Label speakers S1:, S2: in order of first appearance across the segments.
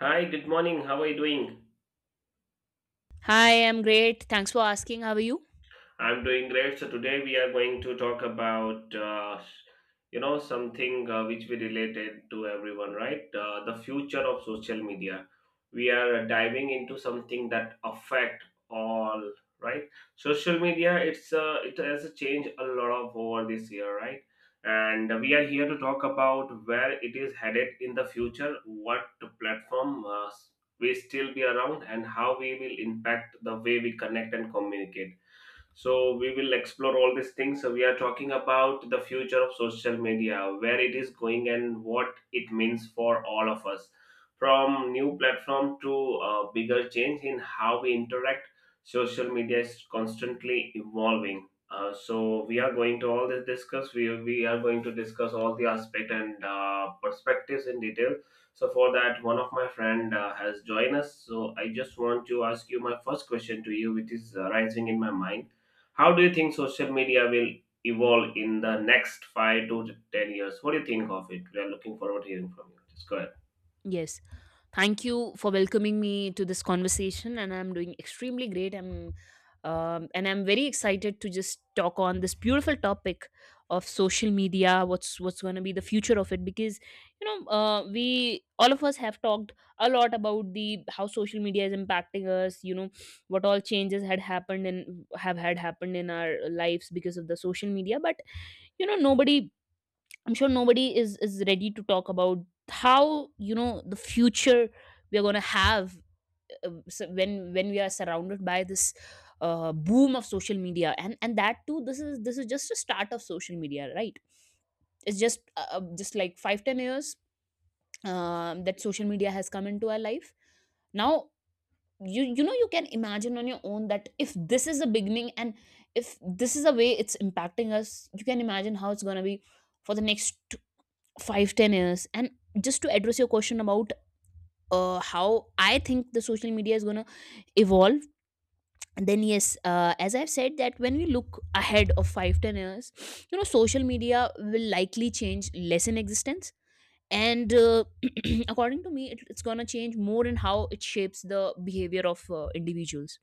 S1: Hi, good morning. How are you doing?
S2: Hi, I'm great. Thanks for asking. How are you?
S1: I'm doing great. So today we are going to talk about, something which we related to everyone, right? The future of social media. We are diving into something that affect all, right? Social media. It has changed a lot of over this year, right? And we are here to talk about where it is headed in the future, what platform will still be around, and how we will impact the way we connect and communicate. So we will explore all these things. So we are talking about the future of social media, where it is going and what it means for all of us, from new platform to bigger change in how we interact. Social media is constantly evolving. So we are going to all this discuss. We are going to discuss all the aspect and perspectives in detail. So for that, one of my friend has joined us. So I just want to ask you my first question to you, which is rising in my mind. How do you think social media will evolve in the next 5 to 10 years? What do you think of it? We are looking forward to hearing from you. Just go ahead.
S2: Yes. Thank you for welcoming me to this conversation, and I'm doing extremely great. I'm very excited to just talk on this beautiful topic of social media, what's going to be the future of it, because we all of us have talked a lot about the how social media is impacting us. What all changes had happened and have had happened in our lives because of the social media. But nobody I'm sure nobody is ready to talk about how the future we are going to have. Uh, so when we are surrounded by this boom of social media, and that too, this is just a start of social media, right? It's just like 5-10 years, that social media has come into our life now. You know, you can imagine on your own that if this is a beginning, and if this is a way it's impacting us, you can imagine how it's going to be for the next 5-10 years. And just to address your question about how I think the social media is going to evolve, then yes, as I've said, that when we look ahead of 5-10 years, you know, social media will likely change less in existence, and according to me, it's going to change more in how it shapes the behavior of individuals.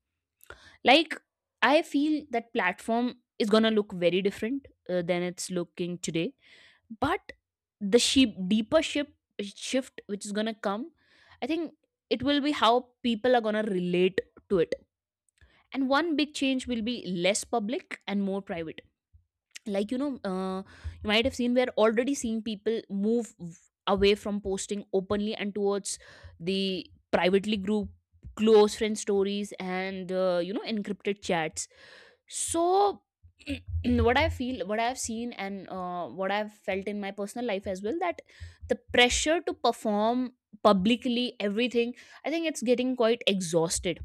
S2: Like, I feel that platform is going to look very different than it's looking today. But the sheep deeper ship shift which is gonna come, I think it will be how people are gonna relate to it. And one big change will be less public and more private. like you know uh, you might have seen, we're already seeing people away from posting openly and towards the privately group, close friend stories, and encrypted chats. So, what I've seen and what I've felt in my personal life as well, that the pressure to perform publicly everything, I think it's getting quite exhausted.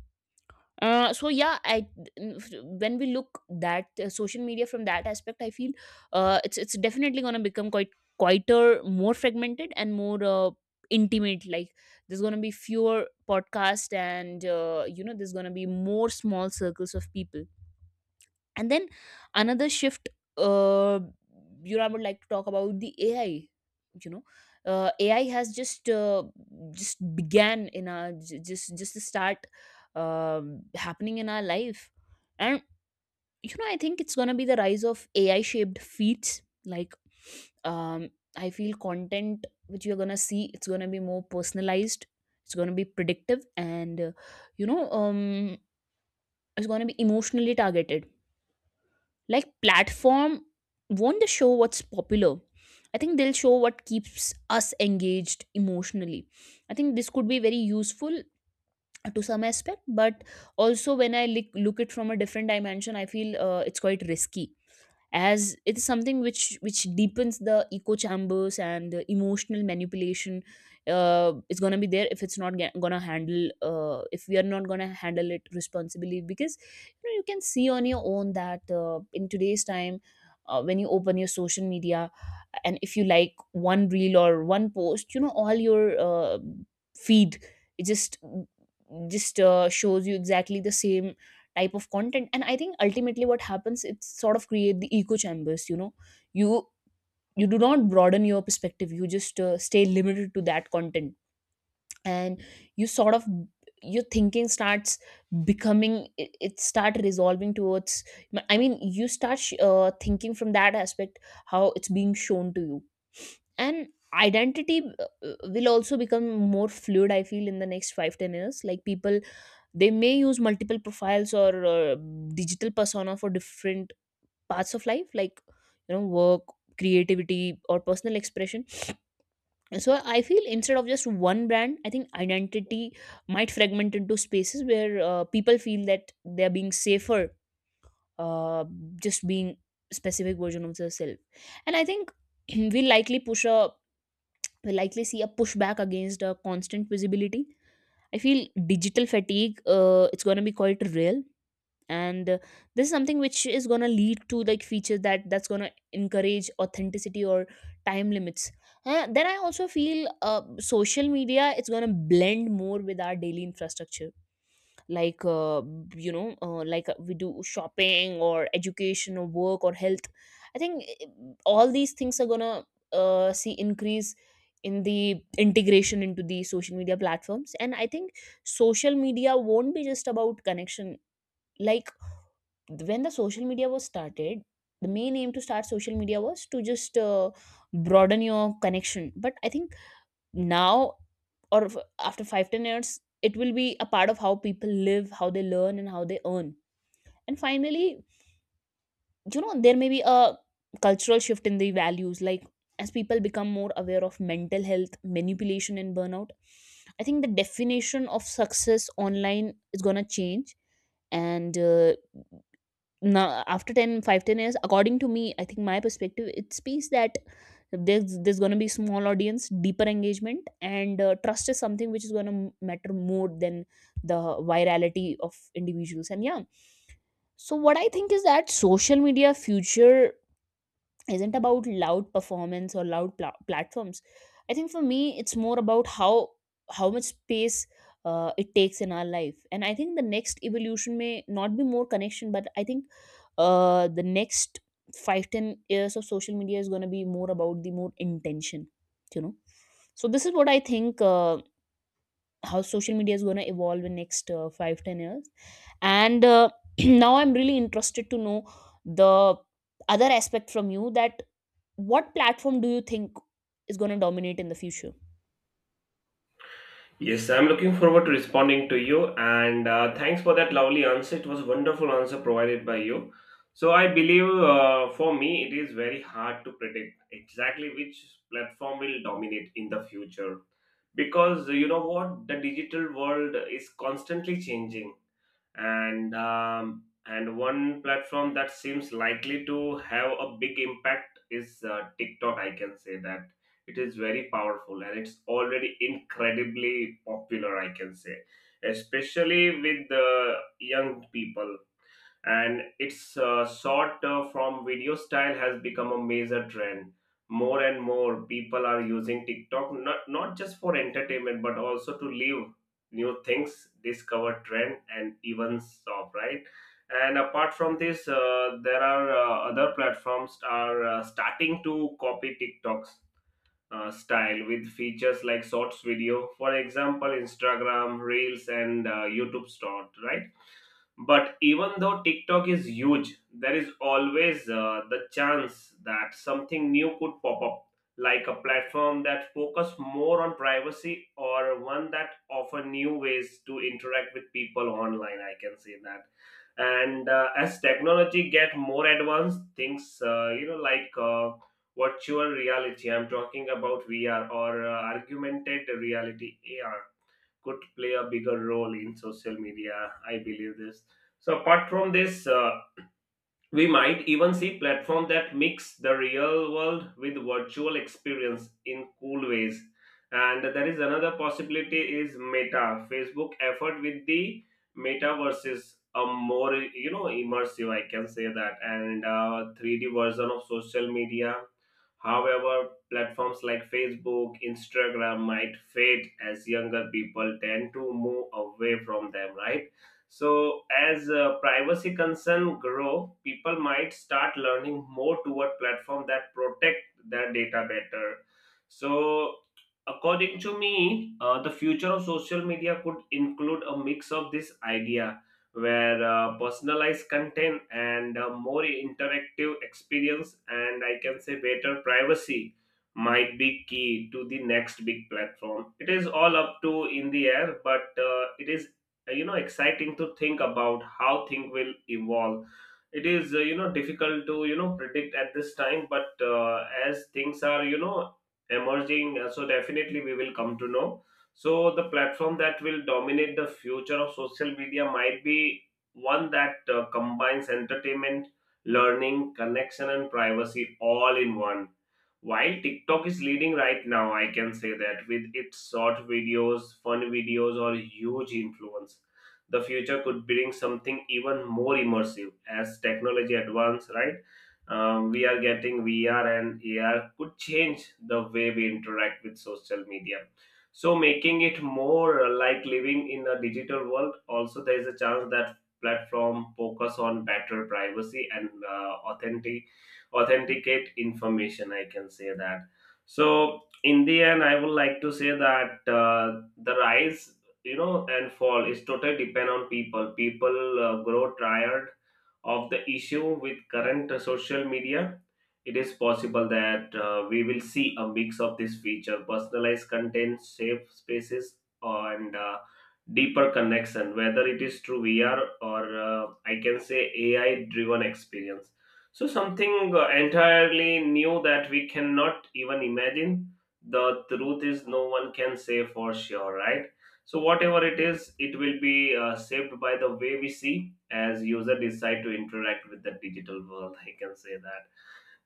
S2: Uh, so yeah, I when we look that social media from that aspect, I feel it's definitely going to become quite quieter, more fragmented, and more intimate. Like, there's going to be fewer podcasts, and there's going to be more small circles of people. And then another shift, uh, you know, I would like to talk about the AI. You know, AI has just to start happening in our life. And, you know, I think it's gonna be the rise of AI shaped feeds. Like, um, I feel content which you're gonna see, it's gonna be more personalized, it's gonna be predictive, and you know um, it's gonna be emotionally targeted. Like, platform, won't they show what's popular? I think they'll show what keeps us engaged emotionally. I think this could be very useful to some aspect. But also when I look it from a different dimension, I feel it's quite risky, as it's something which deepens the echo chambers. And the emotional manipulation is going to be there, if it's not going to handle, if we are not going to handle it responsibly. Because you know, you can see on your own that in today's time, when you open your social media, and if you like one reel or one post, you know, all your feed, it just shows you exactly the same type of content. And I think, ultimately what happens, it's sort of create the echo chambers. You know, you you do not broaden your perspective. You just stay limited to that content. And you sort of, your thinking starts becoming, it start resolving towards, I mean, you start thinking from that aspect how it's being shown to you. And identity will also become more fluid, I feel, in the next 5-10 years. Like people, they may use multiple profiles or digital persona for different parts of life, like, you know, work, creativity, or personal expression. So I feel instead of just one brand, I think identity might fragment into spaces where people feel that they're being safer, uh, just being specific version of themselves. And I think, we'll likely see a pushback against a constant visibility. I feel digital fatigue, it's going to be quite real. And this is something which is going to lead to like features that's going to encourage authenticity or time limits. Then I also feel, social media it's going to blend more with our daily infrastructure. Like, we do shopping or education or work or health. I think all these things are going to see increase in the integration into the social media platforms. And I think social media won't be just about connection. Like, when the social media was started, the main aim to start social media was to just broaden your connection. But I think now, or after 5-10 years, it will be a part of how people live, how they learn, and how they earn. And finally, you know, there may be a cultural shift in the values. Like, as people become more aware of mental health, manipulation, and burnout, I think the definition of success online is going to change. And now, after ten five ten years, according to me, I think my perspective it speaks that there's going to be small audience, deeper engagement, and trust is something which is going to matter more than the virality of individuals. And yeah, so what I think is that social media future isn't about loud performance or platforms. I think for me it's more about how much space it takes in our life. And I think the next evolution may not be more connection, but I think the next 5-10 years of social media is going to be more about the more intention, you know. So this is what I think, how social media is going to evolve in next 5 10 years. And now I'm really interested to know the other aspect from you, that what platform do you think is going to dominate in the future.
S1: Yes, I'm looking forward to responding to you, and thanks for that lovely answer. It was a wonderful answer provided by you. So I believe, for me, it is very hard to predict exactly which platform will dominate in the future, because you know what, the digital world is constantly changing, and one platform that seems likely to have a big impact is TikTok. I can say that it is very powerful and it's already incredibly popular. I can say, especially with the young people, and its short form video style has become a major trend. More and more people are using TikTok, not just for entertainment but also to live new things, discover trend, and even shop, right? And apart from this, there are other platforms are starting to copy TikTok's style with features like Shorts video, for example, Instagram Reels and YouTube Short, right? But even though TikTok is huge, there is always the chance that something new could pop up, like a platform that focus more on privacy or one that offer new ways to interact with people online. I can say that. And as technology get more advanced, things virtual reality. I'm talking about VR or augmented reality (AR) could play a bigger role in social media. I believe this. So apart from this, we might even see platforms that mix the real world with virtual experience in cool ways. And there is another possibility is Meta, Facebook effort with the metaverses, a more you know immersive, I can say that, and 3D version of social media. However, platforms like Facebook, Instagram might fade as younger people tend to move away from them, right? So as privacy concern grow, people might start learning more toward platform that protect their data better. So according to me, the future of social media could include a mix of this idea, where personalized content and more interactive experience and I can say better privacy might be key to the next big platform. It is all up to in the air, but it is you know exciting to think about how things will evolve. It is you know difficult to you know predict at this time, but as things are you know emerging, so definitely we will come to know. So the platform that will dominate the future of social media might be one that combines entertainment, learning, connection and privacy all in one. While TikTok is leading right now, I can say that with its short videos, fun videos, or huge influence, the future could bring something even more immersive as technology advances, right? We are getting VR and AR could change the way we interact with social media. So, making it more like living in a digital world, also, there is a chance that platform focus on better privacy and authentic authenticate information, I can say that. So in the end I would like to say that, the rise you know and fall is totally depend on people. People grow tired of the issue with current social media. It is possible that we will see a mix of this feature, personalized content, safe spaces, and deeper connection, whether it is through VR or I can say AI driven experience, so something entirely new that we cannot even imagine. The truth is no one can say for sure, right? So whatever it is, it will be shaped by the way we see as user decide to interact with the digital world. I can say that.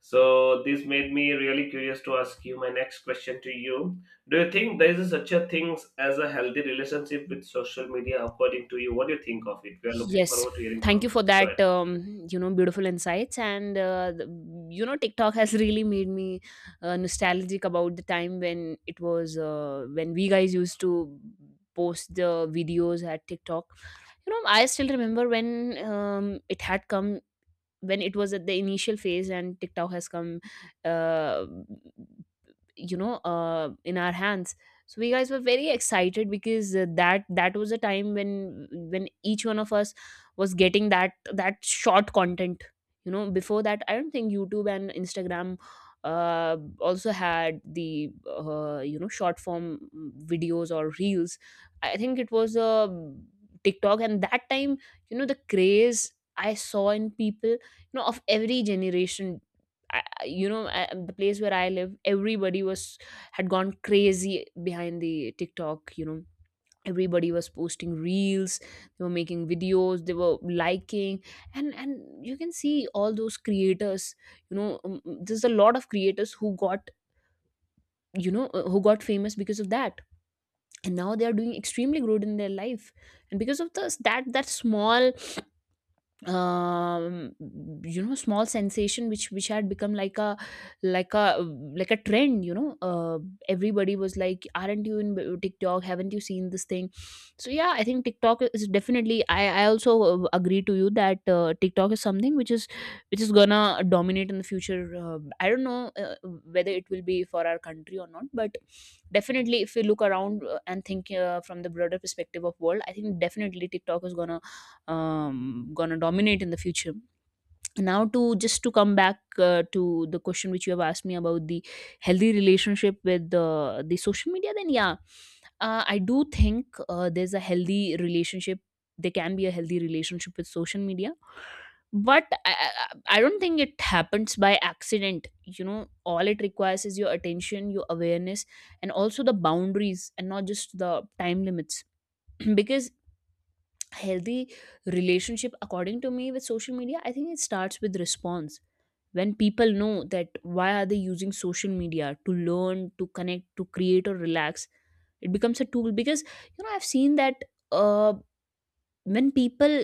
S1: So this made me really curious to ask you my next question to you. Do you think there is such a thing as a healthy relationship with social media according to you? What do you think of it? We are looking
S2: Yes.
S1: forward to hearing
S2: Thank you
S1: from you.
S2: for
S1: Just go
S2: that,
S1: ahead.
S2: you know, beautiful insights. You know, TikTok has really made me nostalgic about the time when we guys used to post the videos at TikTok. You know, I still remember when, it had come, when it was at the initial phase, and TikTok has come, uh, in our hands. So we guys were very excited, because that was a time when each one of us was getting that short content. You know, before that, I don't think YouTube and Instagram also had the short form videos or reels. I think it was TikTok. And that time, you know, the craze I saw in people, you know, of every generation, the place where I live, everybody was had gone crazy behind the TikTok, you know. Everybody was posting reels, they were making videos, they were liking. And you can see all those creators, you know, there's a lot of creators who got, you know, who got famous because of that, and now they are doing extremely good in their life. And because of this, that small, um you know, small sensation which had become like a like a like a trend, you know, everybody was like, aren't you in TikTok, haven't you seen this thing? So yeah, I think TikTok is definitely, I also agree to you that TikTok is something which is gonna dominate in the future. I don't know whether it will be for our country or not, but definitely if we look around, and think, from the broader perspective of world, I think definitely TikTok is gonna, gonna dominate in the future. Now, to just to come back, to the question which you have asked me about the healthy relationship with the social media, then yeah, I do think, there's a healthy relationship. There can be a healthy relationship with social media, but I don't think it happens by accident. You know, all it requires is your attention, your awareness, and also the boundaries, and not just the time limits. Because healthy relationship according to me with social media, I think it starts with response. When people know that why are they using social media, to learn, to connect, to create or relax, it becomes a tool. Because you know, I've seen that uh, when people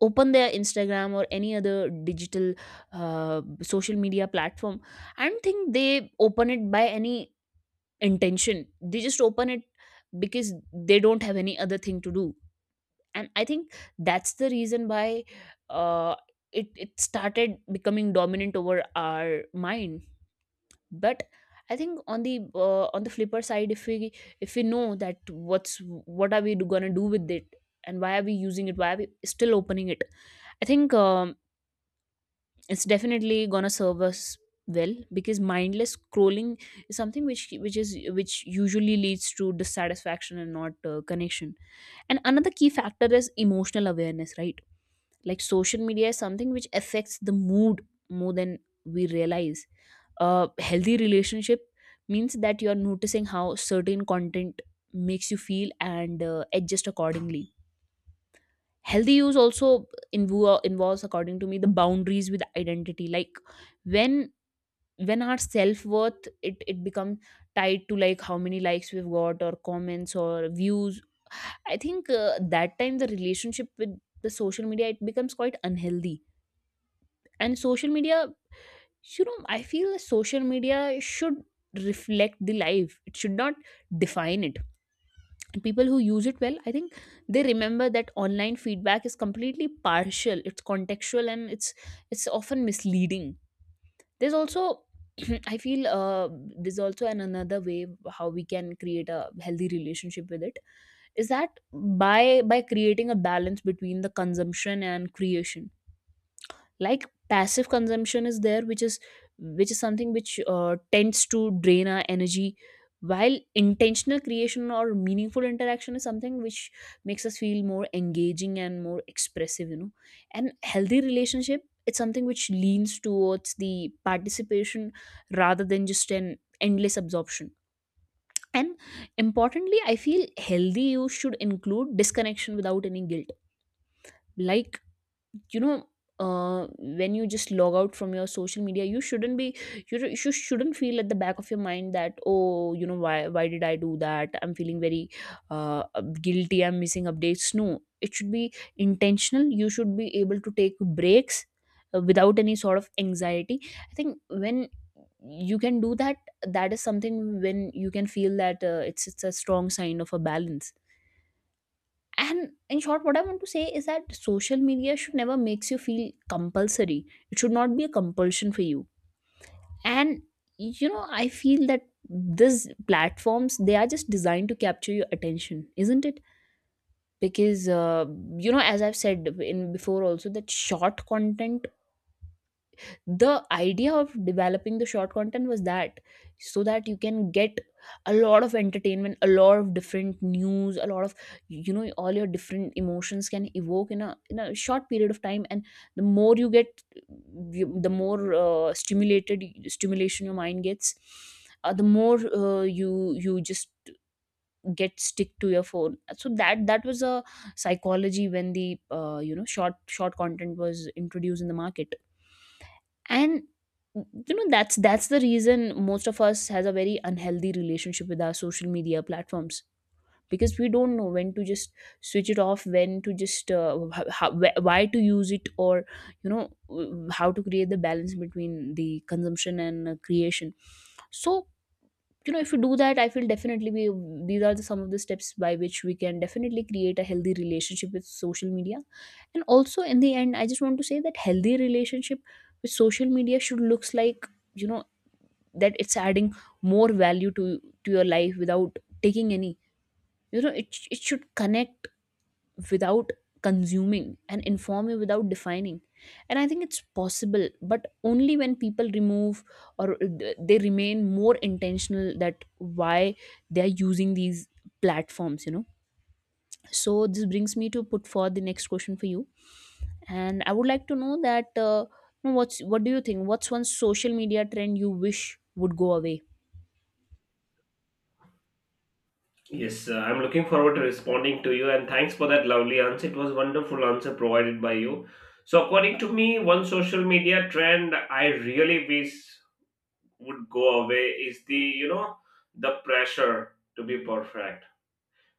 S2: open their Instagram or any other digital social media platform, I don't think they open it by any intention. They just open it because they don't have any other thing to do. And I think that's the reason why uh, it started becoming dominant over our mind. But I think on the flipper side, if we know that what's what are we gonna do with it, and why are we using it, why are we still opening it, I think it's definitely gonna serve us well. Because mindless scrolling is something which is which usually leads to dissatisfaction and not connection. And another key factor is emotional awareness, right? Like social media is something which affects the mood more than we realize. A healthy relationship means that you are noticing how certain content makes you feel and adjust accordingly. Healthy use also involves according to me the boundaries with identity. Like when when our self-worth, it becomes tied to like how many likes we've got or comments or views, I think that time the relationship with the social media it becomes quite unhealthy. And social media, you know, I feel social media should reflect the life, it should not define it. And people who use it well, I think they remember that online feedback is completely partial, it's contextual, and it's often misleading. There's also I feel there's also an another way how we can create a healthy relationship with it, is that by creating a balance between the consumption and creation. Like passive consumption is there which is something which tends to drain our energy, while intentional creation or meaningful interaction is something which makes us feel more engaging and more expressive, you know. And healthy relationship, it's something which leans towards the participation rather than just an endless absorption. And importantly, I feel healthy, you should include disconnection without any guilt. Like, you know, when you just log out from your social media, you shouldn't be, you shouldn't feel at the back of your mind that, oh, you know, why did I do that, I'm feeling very uh, guilty, I'm missing updates. No, it should be intentional. You should be able to take breaks without any sort of anxiety. I think when you can do that, that is something when you can feel that it's a strong sign of a balance. And in short, what I want to say is that social media should never makes you feel compulsory. It should not be a compulsion for you. And you know, I feel that these platforms, they are just designed to capture your attention, isn't it? Because you know, as I've said in before also, that short content, the idea of developing the short content was that, so that you can get a lot of entertainment, a lot of different news, a lot of, you know, all your different emotions can evoke in a short period of time. And the more you get, the more stimulated stimulation your mind gets, the more you just get stick to your phone. So that was a psychology when the you know, short content was introduced in the market. And you know, that's the reason most of us has a very unhealthy relationship with our social media platforms, because we don't know when to just switch it off, when to just why to use it, or you know, how to create the balance between the consumption and creation. So you know, if you do that, I feel definitely we, these are the, some of the steps by which we can definitely create a healthy relationship with social media. And also in the end, I just want to say that healthy relationship with social media should looks like, you know, that it's adding more value to your life without taking any, you know, it should connect without consuming, and inform you without defining. And I think it's possible, but only when people remove, or they remain more intentional that why they are using these platforms, you know. So this brings me to put forward the next question for you. And I would like to know that, you know, what do you think, what's one social media trend you wish would go away.
S1: Yes, I'm looking forward to responding to you and thanks for that lovely answer. It was wonderful answer provided by you. So according to me, one social media trend I really wish would go away is the, you know, the pressure to be perfect,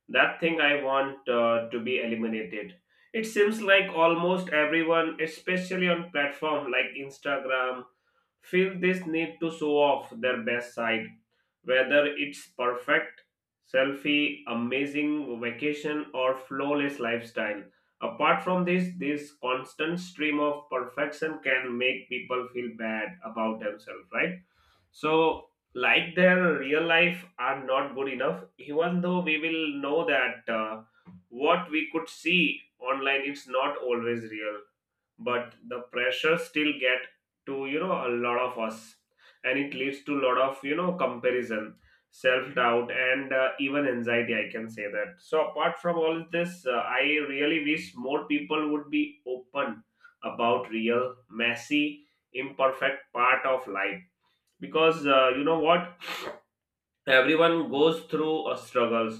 S1: that thing I want to be eliminated. It seems like almost everyone, especially on platform like Instagram, feel this need to show off their best side, whether it's perfect selfie, amazing vacation, or flawless lifestyle. Apart from this, this constant stream of perfection can make people feel bad about themselves, right? So, like their real life are not good enough, even though we will know that what we could see online it's not always real, but the pressure still get to you know a lot of us, and it leads to a lot of you know comparison, self doubt, and even anxiety. I can say that. So, apart from all this, I really wish more people would be open about real, messy, imperfect part of life, because you know what, everyone goes through a struggles.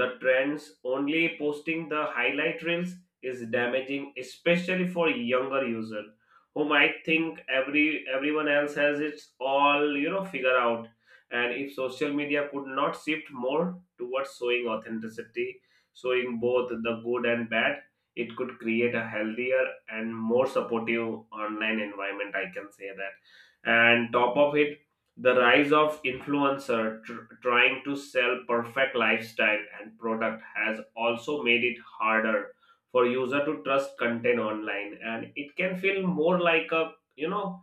S1: The trends only posting the highlight reels is damaging, especially for younger user who might think everyone else has its all you know figure out. And if social media could not shift more towards showing authenticity, showing both the good and bad, it could create a healthier and more supportive online environment, I can say that. And top of it, the rise of influencer trying to sell perfect lifestyle and product has also made it harder for user to trust content online and it can feel more like a you know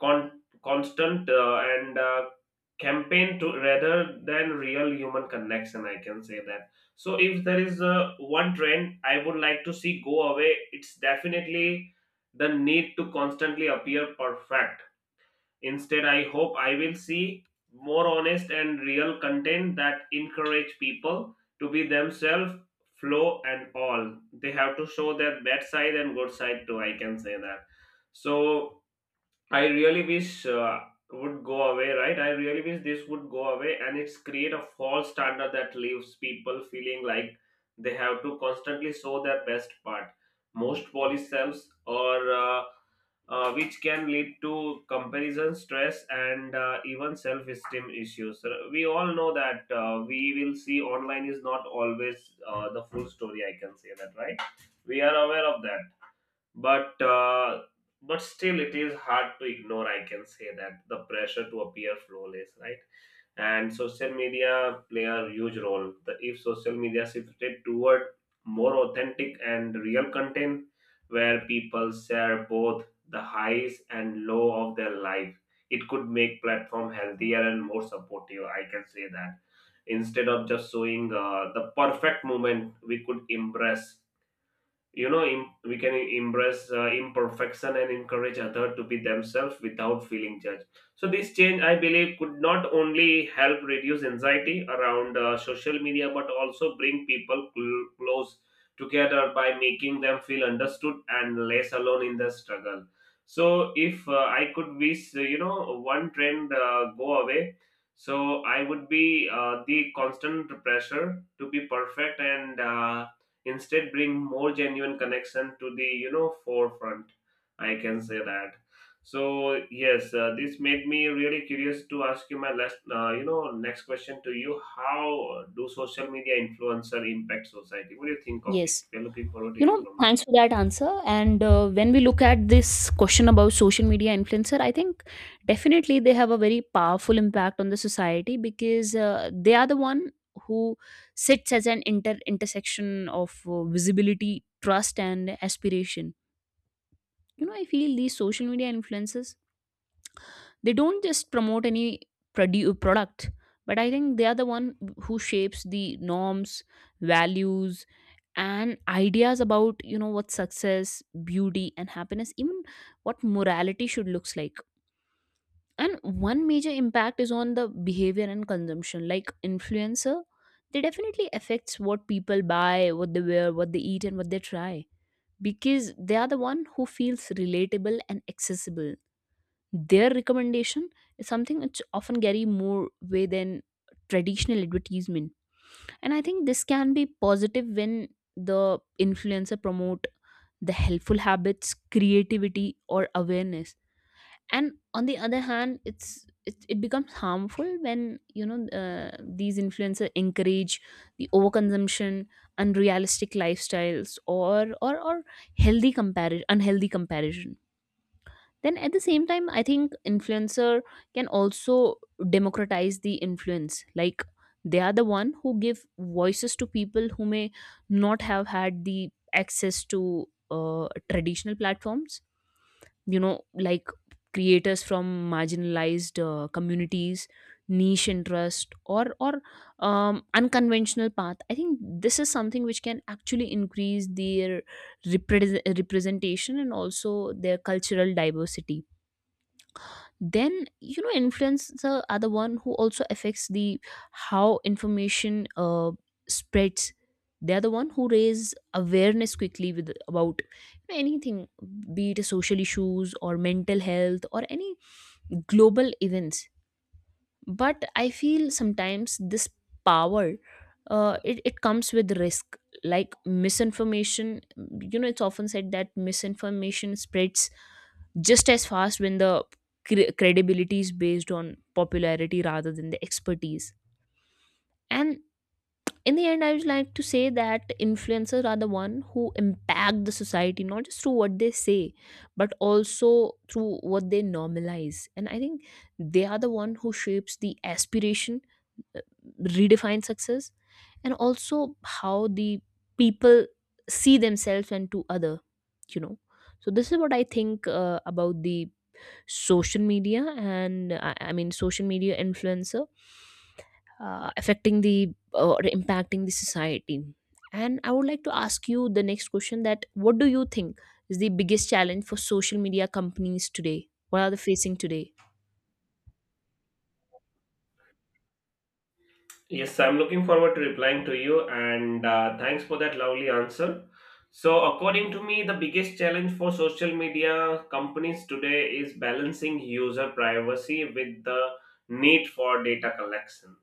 S1: constant and campaign to rather than real human connection, I can say that. So if there is one trend I would like to see go away, it's definitely the need to constantly appear perfect. Instead, I hope I will see more honest and real content that encourage people to be themselves, flow and all. They have to show their bad side and good side too. I can say that. So I really wish would go away, right? I really wish this would go away, and it's create a false standard that leaves people feeling like they have to constantly show their best part. Most polysams or which can lead to comparison, stress, and even self-esteem issues. We all know that we will see online is not always the full story. I can say that, right? We are aware of that but uh, but still it is hard to ignore, I can say that. The pressure to appear flawless, right? And social media play a huge role. If social media shifted toward more authentic and real content where people share both the highs and low of their life, it could make platform healthier and more supportive, I can say that. Instead of just showing the perfect moment, we could impress, you know, we can embrace imperfection and encourage others to be themselves without feeling judged. So this change, I believe, could not only help reduce anxiety around social media, but also bring people close together by making them feel understood and less alone in the struggle. So if I could wish, you know, one trend go away, so I would be the constant pressure to be perfect, and instead bring more genuine connection to the, you know, forefront. I can say that. So yes, this made me really curious to ask you my last, next question to you. How do social media influencer impact society? What do you think of
S2: Yes.
S1: it? We're looking forward to
S2: You know,
S1: hearing from you.
S2: thanks for that answer. And when we look at this question about social media influencer, I think definitely they have a very powerful impact on the society. Because they are the one who sits as an intersection of visibility, trust, and aspiration. You know, I feel these social media influencers, they don't just promote any product, but I think they are the one who shapes the norms, values, and ideas about, you know, what success, beauty and happiness, even what morality should looks like. And one major impact is on the behavior and consumption. Like influencer, they definitely affects what people buy, what they wear, what they eat, and what they try, because they are the one who feels relatable and accessible. Their recommendation is something which often carry more way than traditional advertisement. And I think this can be positive when the influencer promote the helpful habits, creativity or awareness. And on the other hand, it becomes harmful when you know, these influencers encourage the overconsumption, unrealistic lifestyles, or healthy comparison, unhealthy comparison. Then at the same time, I think influencer can also democratize the influence. Like they are the one who give voices to people who may not have had the access to traditional platforms. You know, like creators from marginalized communities, niche interest, or unconventional path. I think this is something which can actually increase their representation and also their cultural diversity. Then you know, influencers are the one who also affects the how information spreads. They are the one who raise awareness quickly with about anything, be it social issues or mental health or any global events. But I feel sometimes this power, it comes with risk, like misinformation. You know, it's often said that misinformation spreads just as fast, when the credibility is based on popularity rather than the expertise. And in the end, I would like to say that influencers are the one who impact the society, not just through what they say, but also through what they normalize. And I think they are the one who shapes the aspiration, redefine success, and also how the people see themselves and to other, you know. So this is what I think about the social media, and I mean social media influencer affecting the, or impacting the society. And I would like to ask you the next question, that what do you think is the biggest challenge for social media companies today, what are they facing today.
S1: Yes, I'm looking forward to replying to you, and thanks for that lovely answer. So, according to me, the biggest challenge for social media companies today is balancing user privacy with the need for data collection.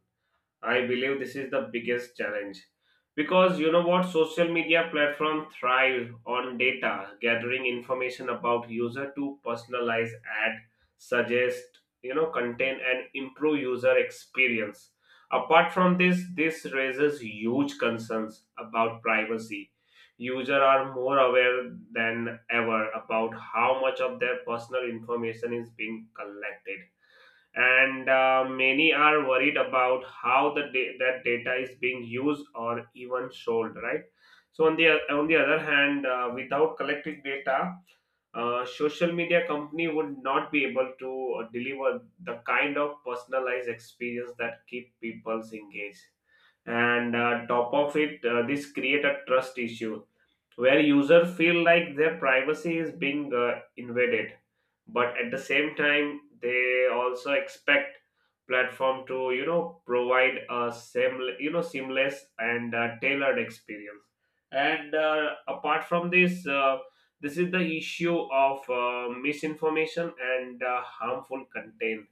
S1: I believe this is the biggest challenge, because you know what, social media platform thrive on data, gathering information about user to personalize ad, suggest, you know, content and improve user experience. Apart from this, this raises huge concerns about privacy. User are more aware than ever about how much of their personal information is being collected, and many are worried about how the that data is being used or even sold, right? So on the other hand, without collecting data, social media company would not be able to deliver the kind of personalized experience that keep people's engaged. And top of it, this create a trust issue where users feel like their privacy is being invaded, but at the same time they also expect platform to, you know, provide a same, you know, seamless and tailored experience. And apart from this, this is the issue of misinformation and harmful content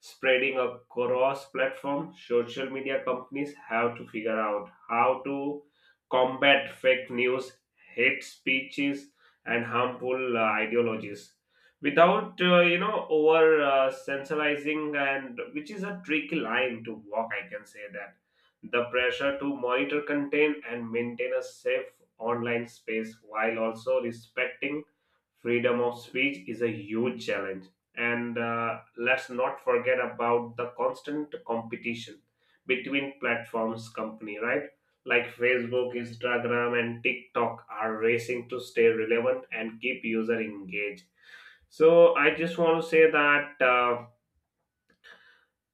S1: spreading across platform. Social media companies have to figure out how to combat fake news, hate speeches, and harmful ideologies without you know, over sensationalizing, and which is a tricky line to walk, I can say that. The pressure to monitor content and maintain a safe online space while also respecting freedom of speech is a huge challenge. And let's not forget about the constant competition between platforms company, right? Like Facebook, Instagram, and TikTok are racing to stay relevant and keep user engaged. So I just want to say that. Uh,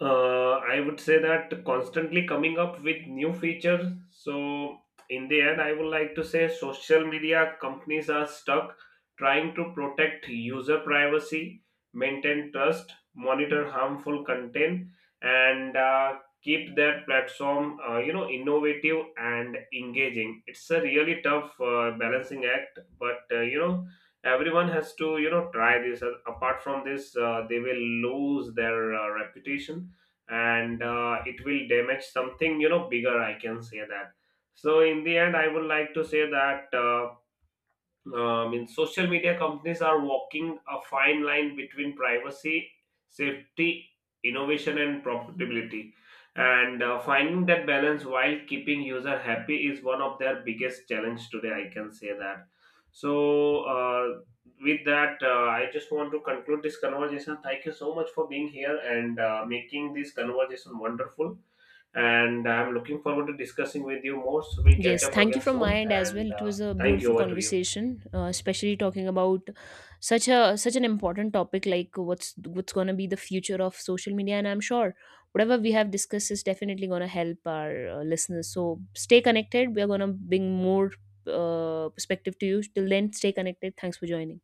S1: uh, I would say that constantly coming up with new features. So, in the end, I would like to say social media companies are stuck trying to protect user privacy, maintain trust, monitor harmful content, and keep their platform, you know, innovative and engaging. It's a really tough balancing act, but, you know, everyone has to, you know, try this. Apart from this, they will lose their reputation, and it will damage something, you know, bigger, I can say that. So in the end I would like to say that I mean, social media companies are walking a fine line between privacy, safety, innovation, and profitability. And finding that balance while keeping user happy is one of their biggest challenge today. I can say that. So, with that, I just want to conclude this conversation. Thank you so much for being here and making this conversation wonderful. And I'm looking forward to discussing with you more. So we'll catch
S2: Yes,
S1: up
S2: thank you
S1: again
S2: from my
S1: soon.
S2: end as well.
S1: And
S2: It
S1: uh,
S2: was a
S1: thank
S2: beautiful
S1: you. Over to you.
S2: conversation, especially talking about such an important topic like what's gonna be the future of social media. And I'm sure whatever we have discussed is definitely gonna help our listeners. So stay connected. We are gonna bring more perspective to you. Till then, stay connected. Thanks for joining.